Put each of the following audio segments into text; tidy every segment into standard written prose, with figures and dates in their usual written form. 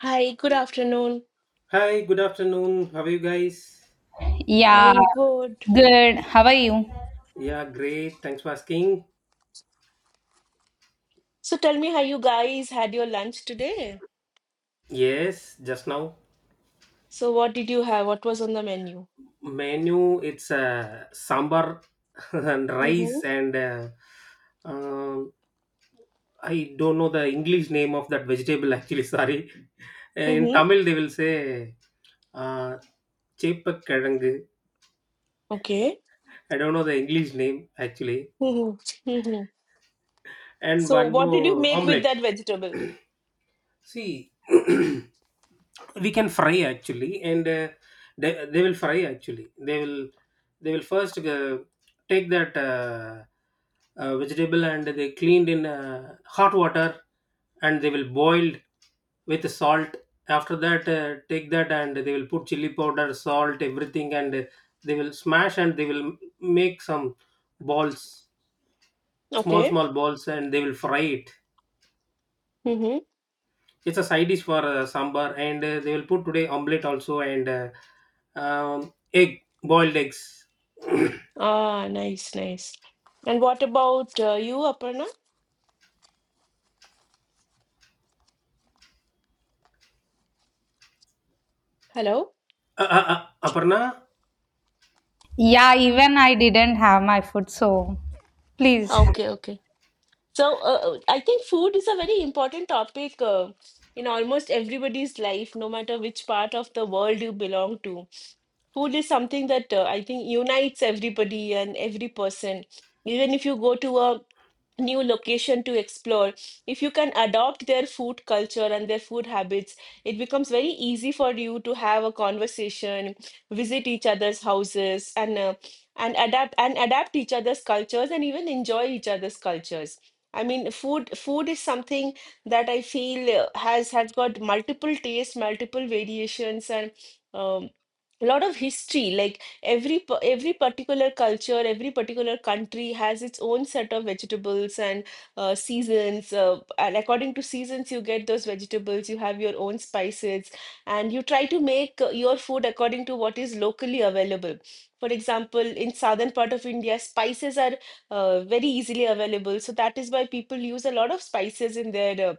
Hi, good afternoon. Hi, good afternoon. How are you guys? I Yeah, am good. good. How are you? Yeah, great. Thanks for asking. So tell me how you guys had your lunch today. Yes, just now So what did you have? What was on the menu? menu it's sambar and rice Mm-hmm. and um, I don't know the English name of that vegetable actually. Sorry, in Mm-hmm. Tamil they will say uh, cheppakkilangu. Okay. I don't know the English name actually. Mm-hmm. Mm-hmm. And So one what did you more make with omelette. that vegetable? See, we can fry actually, and they will fry actually. They will first take that vegetable and they cleaned in hot water, and they will boiled with salt. After that, take that and they will put chili powder, salt, everything, and they will smash and they will make some balls, small Okay. small balls, and they will fry it. Mm-hmm. It's a side dish for sambar, and they will put today omelette also and egg, boiled eggs. Ah, nice, nice. And what about you, Aparna? Hello? Uh, uh, Aparna, Yeah, even I didn't have my food, so please. Okay, okay. So I think food is a very important topic in almost everybody's life, no matter which part of the world you belong to. Food is something that I think unites everybody and every person. Even if you go to a new location to explore, if you can adopt their food culture and their food habits, it becomes very easy for you to have a conversation, visit each other's houses, and adapt each other's cultures, and even enjoy each other's cultures. I mean, food is something that I feel has got multiple tastes, multiple variations, and um, a lot of history. Like every particular culture, every particular country has its own set of vegetables and seasons. And according to seasons, you get those vegetables. You have your own spices, and you try to make your food according to what is locally available. For example, in southern part of India, spices are very easily available. So that is why people use a lot of spices in their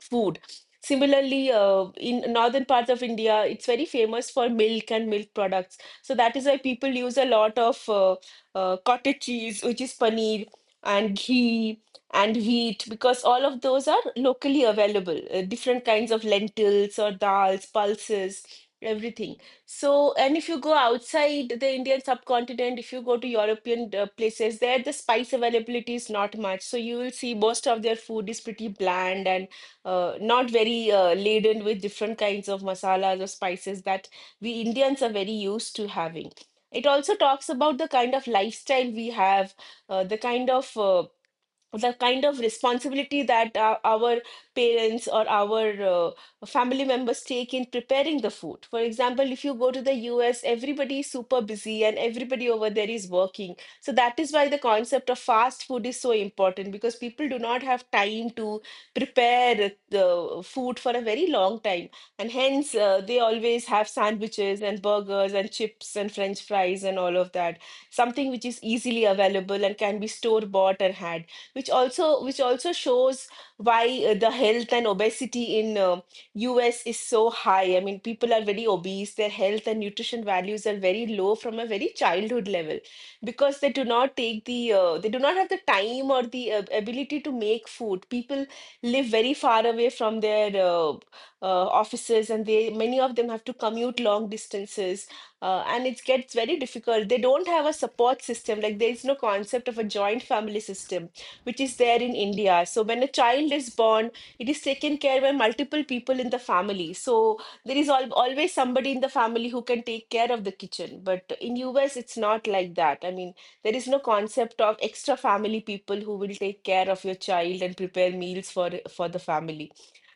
food. Similarly, in northern parts of India, it's very famous for milk and milk products. So that is why people use a lot of cottage cheese, which is paneer, and ghee and wheat, because all of those are locally available. Different kinds of lentils or dals, pulses, everything. So, and if you go outside the Indian subcontinent, if you go to European places, there the spice availability is not much. So you will see most of their food is pretty bland and not very laden with different kinds of masalas or spices that we Indians are very used to having. It also talks about the kind of lifestyle we have, uh, the kind of uh, the kind of responsibility that our parents or our family members take in preparing the food. For example, if you go to the US, everybody is super busy and everybody over there is working. So that is why the concept of fast food is so important, because people do not have time to prepare the food for a very long time. And hence, they always have sandwiches and burgers and chips and french fries and all of that, something which is easily available and can be store bought and had, which also shows why the health and obesity in US is so high. I mean, people are very obese. Their health and nutrition values are very low from a very childhood level, because they do not have the time or the ability to make food. People live very far away from their offices, and they many of them have to commute long distances. Uh, and it gets very difficult. They don't have a support system. Like, there is no concept of a joint family system, which is there in India. So when a child is born, it is taken care by multiple people in the family. So there is al always somebody in the family who can take care of the kitchen. But in US, it's not like that. I mean, there is no concept of extra family people who will take care of your child and prepare meals for the family.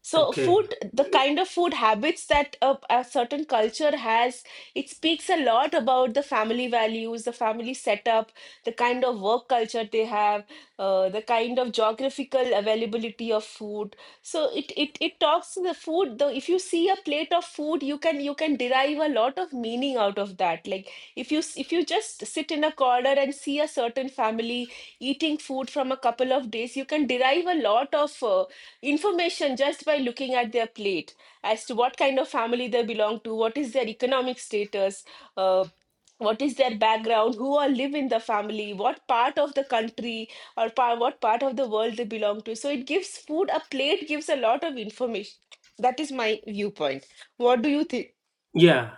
So okay, food, the kind of food habits that a certain culture has, it speaks a lot about the family values, the family setup, the kind of work culture they have, the kind of geographical availability of food. So it talks to the food. Though if you see a plate of food, you can derive a lot of meaning out of that. Like, if you just sit in a corner and see a certain family eating food from a couple of days, you can derive a lot of. Information just by looking at their plate as to what kind of family they belong to, what is their economic status, uh, what is their background, who all live in the family, what part of the country what part of the world they belong to. So it gives food, a plate gives a lot of information. That is my viewpoint. What do you think? yeah.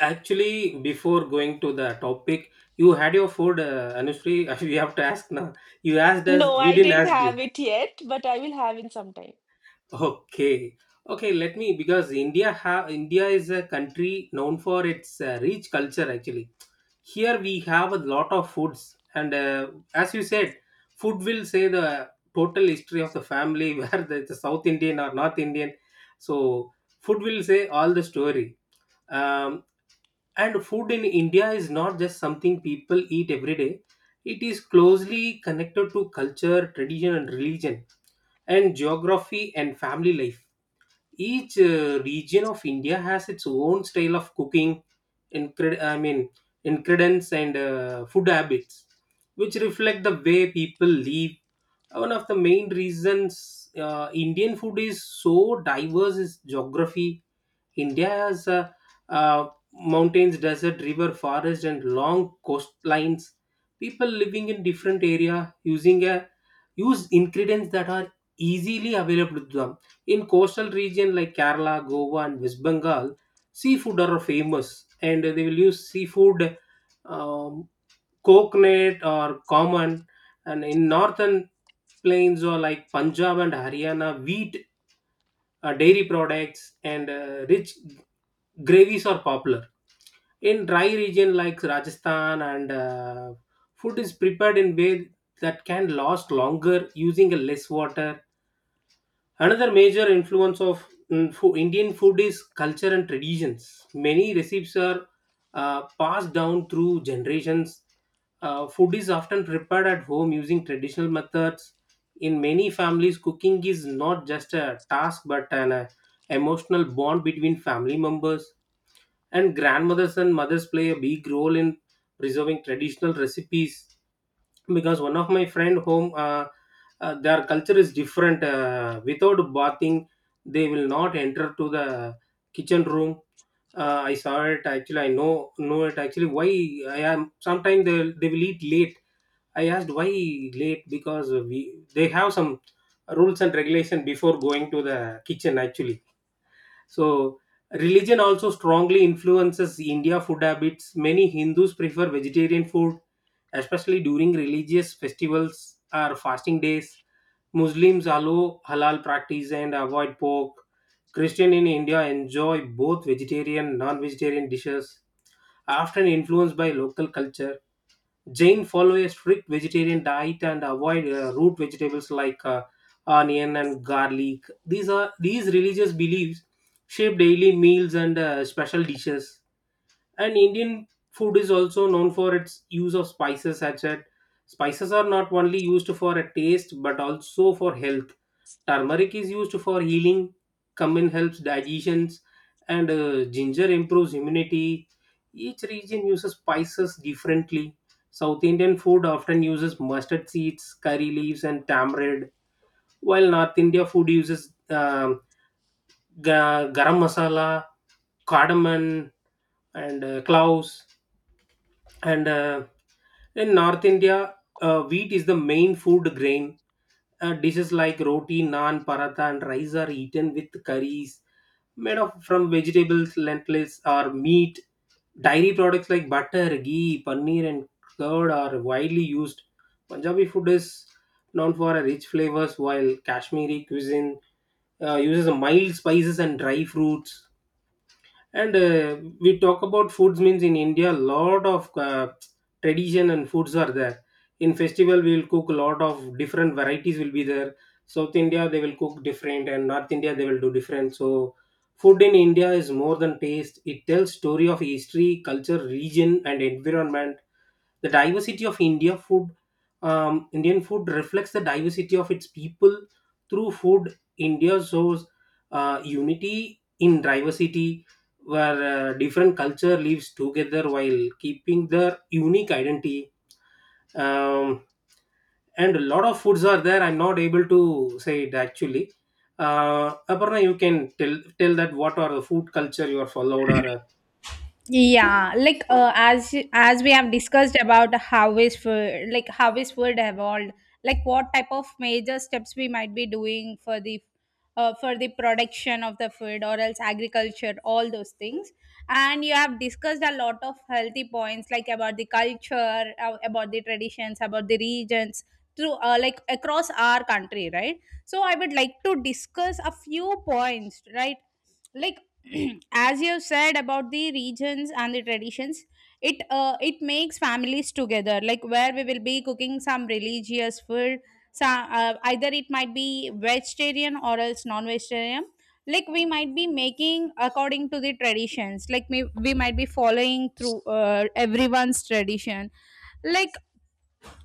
Actually, before going to the topic, you had your food, Anushri. We have to ask now. You asked us, No, we I didn't didn't ask you. have it yet, but I will have in some time. Okay, okay. Let me because India is a country known for its rich culture actually, here we have a lot of foods and as you said, food will say the total history of the family where the South Indian or North Indian, so food will say all the story. Um, and food in India is not just something people eat every day. It is closely connected to culture, tradition and religion, and geography and family life. Each region of India has its own style of cooking, incre- I mean, ingredients and food habits, which reflect the way people live. One of the main reasons Indian food is so diverse is geography. India has uh, mountains, desert, river, forest, and long coastlines. People living in different area using a use ingredients that are easily available to them. In coastal region like Kerala, Goa, and West Bengal, seafood are famous, and they will use seafood, um, coconut or common. And in northern plains or like Punjab and Haryana, wheat, dairy products and rich gravies are popular in dry region like Rajasthan and food is prepared in way that can last longer using a less water. Another major influence of Indian food is culture and traditions. Many recipes are passed down through generations. Food is often prepared at home using traditional methods. In many families, cooking is not just a task but an emotional bond between family members. And grandmothers and mothers play a big role in preserving traditional recipes because one of my friend home, their culture is different, without bathing they will not enter to the kitchen room. I saw it actually, I know it actually why. I am sometimes they will eat late. I asked why late because we they have some rules and regulation before going to the kitchen actually. So religion also strongly influences India food habits. Many Hindus prefer vegetarian food, especially during religious festivals or fasting days. Muslims allow halal practice and avoid pork. Christian in India enjoy both vegetarian and non-vegetarian dishes, often influenced by local culture. Jain follow a strict vegetarian diet and avoid root vegetables like onion and garlic. These are these religious beliefs shape daily meals and special dishes. And Indian food is also known for its use of spices, such as spices are not only used for a taste but also for health. Turmeric is used for healing, cumin helps digestions, and ginger improves immunity. Each region uses spices differently. South Indian food often uses mustard seeds, curry leaves and tamarind, while North India food uses um, garam masala, cardamom and cloves. And in North India, wheat is the main food grain. Uh, dishes like roti, naan, paratha and rice are eaten with curries made of from vegetables, lentils or meat. Dairy products like butter, ghee, paneer and curd are widely used. Punjabi food is known for a rich flavors, while Kashmiri cuisine uses mild spices and dry fruits. And we talk about foods means in India, a lot of tradition and foods are there. In festival we will cook a lot of different varieties will be there. South India they will cook different and North India they will do different. So food in India is more than taste. It tells story of history, culture, region and environment. The diversity of India food. Indian food reflects the diversity of its people. Through food, India shows unity in diversity, where different culture lives together while keeping their unique identity. um, and a lot of foods are there, I'm not able to say it actually. Uh, Aparna, you can tell that what are the food culture you are followed or Yeah, like as we have discussed about how is food, like how is food evolved, like what type of major steps we might be doing for the production of the food or else agriculture, all those things. And you have discussed a lot of healthy points like about the culture, about the traditions, about the regions through like across our country, right? So I would like to discuss a few points, right? Like as you said about the regions and the traditions, it makes families together, like where we will be cooking some religious food, some, either it might be vegetarian or else non-vegetarian, like we might be making according to the traditions, like we might be following through everyone's tradition, like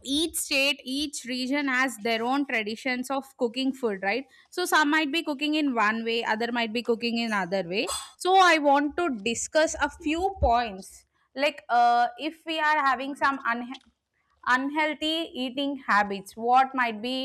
each state, each region has their own traditions of cooking food, right? So some might be cooking in one way, other might be cooking in other way. So I want to discuss a few points, like if we are having some un unhealthy eating habits, what might be,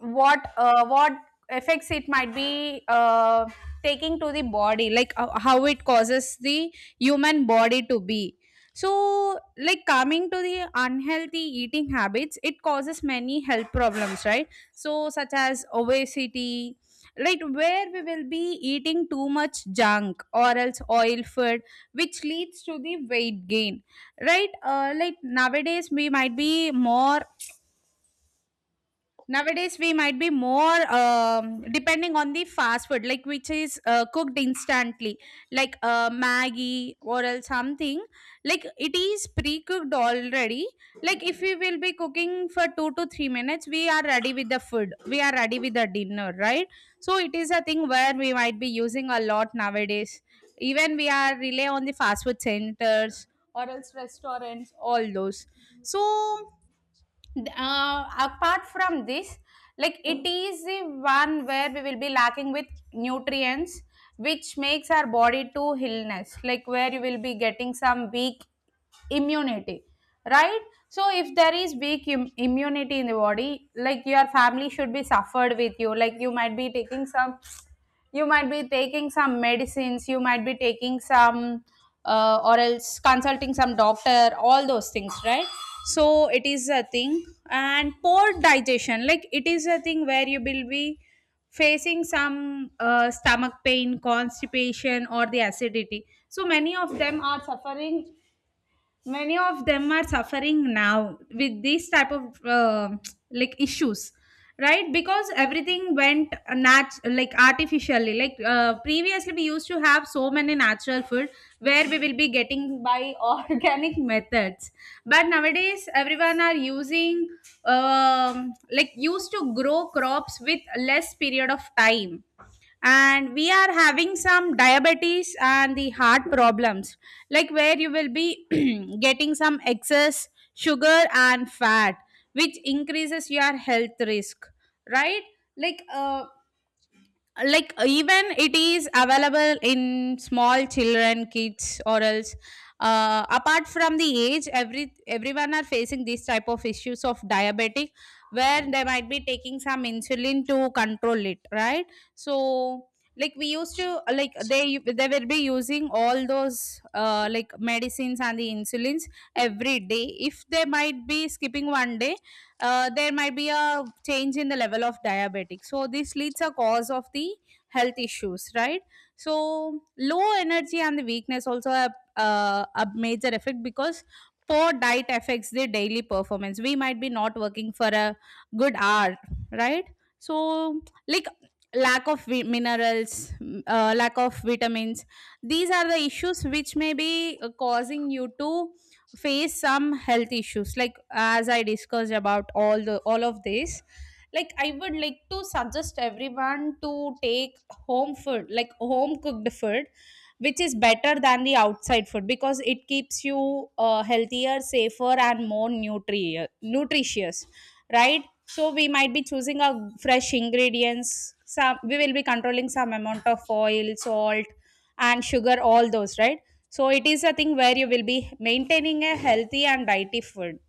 what effects it might be taking to the body, like how it causes the human body to be. So like coming to the unhealthy eating habits, it causes many health problems, right? So such as obesity, like where we will be eating too much junk or else oil food, which leads to the weight gain, right? Like nowadays we might be more Nowadays, we might be more depending on the fast food, like which is cooked instantly, like Maggie or else something. Like it is pre-cooked already. Like if we will be cooking for 2 to 3 minutes, we are ready with the food. We are ready with the dinner, right? So it is a thing where we might be using a lot nowadays. Even we are rely on the fast food centers or else restaurants, all those. So apart from this, like it is the one where we will be lacking with nutrients, which makes our body to illness, like where you will be getting some weak immunity, right? So if there is weak immunity in the body, like your family should be suffered with you, like you might be taking some, you might be taking some medicines, you might be taking some or else consulting some doctor, all those things, right? So it is a thing. And poor digestion, like it is a thing where you will be facing some stomach pain, constipation, or the acidity. So many of them are suffering, many of them are suffering now with these type of like issues, right? Because everything went like artificially, like previously we used to have so many natural food, where we will be getting by organic methods, but nowadays everyone are using like used to grow crops with less period of time, and we are having some diabetes and the heart problems, like where you will be getting some excess sugar and fat, which increases your health risk, right? Like like even it is available in small children, kids, or else. Apart from the age, everyone are facing these type of issues of diabetic, where they might be taking some insulin to control it, right? So like we used to, like they will be using all those like medicines and the insulins every day, if they might be skipping one day, there might be a change in the level of diabetic. So this leads a cause of the health issues, right? So low energy and the weakness also a major effect, because poor diet affects the daily performance. We might be not working for a good hour, right? So like lack of minerals, lack of vitamins. These are the issues which may be causing you to face some health issues. Like as I discussed about all of this, like I would like to suggest everyone to take home food, like home cooked food, which is better than the outside food because it keeps you healthier, safer and more nutritious, right? So we might be choosing our fresh ingredients. Some we will be controlling some amount of oil, salt, and sugar, all those, right? So it is a thing where you will be maintaining a healthy and dietary food.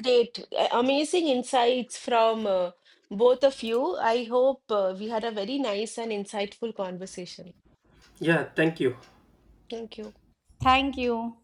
Great, amazing insights from both of you. I hope we had a very nice and insightful conversation. yeah, thank you. Thank you. Thank you.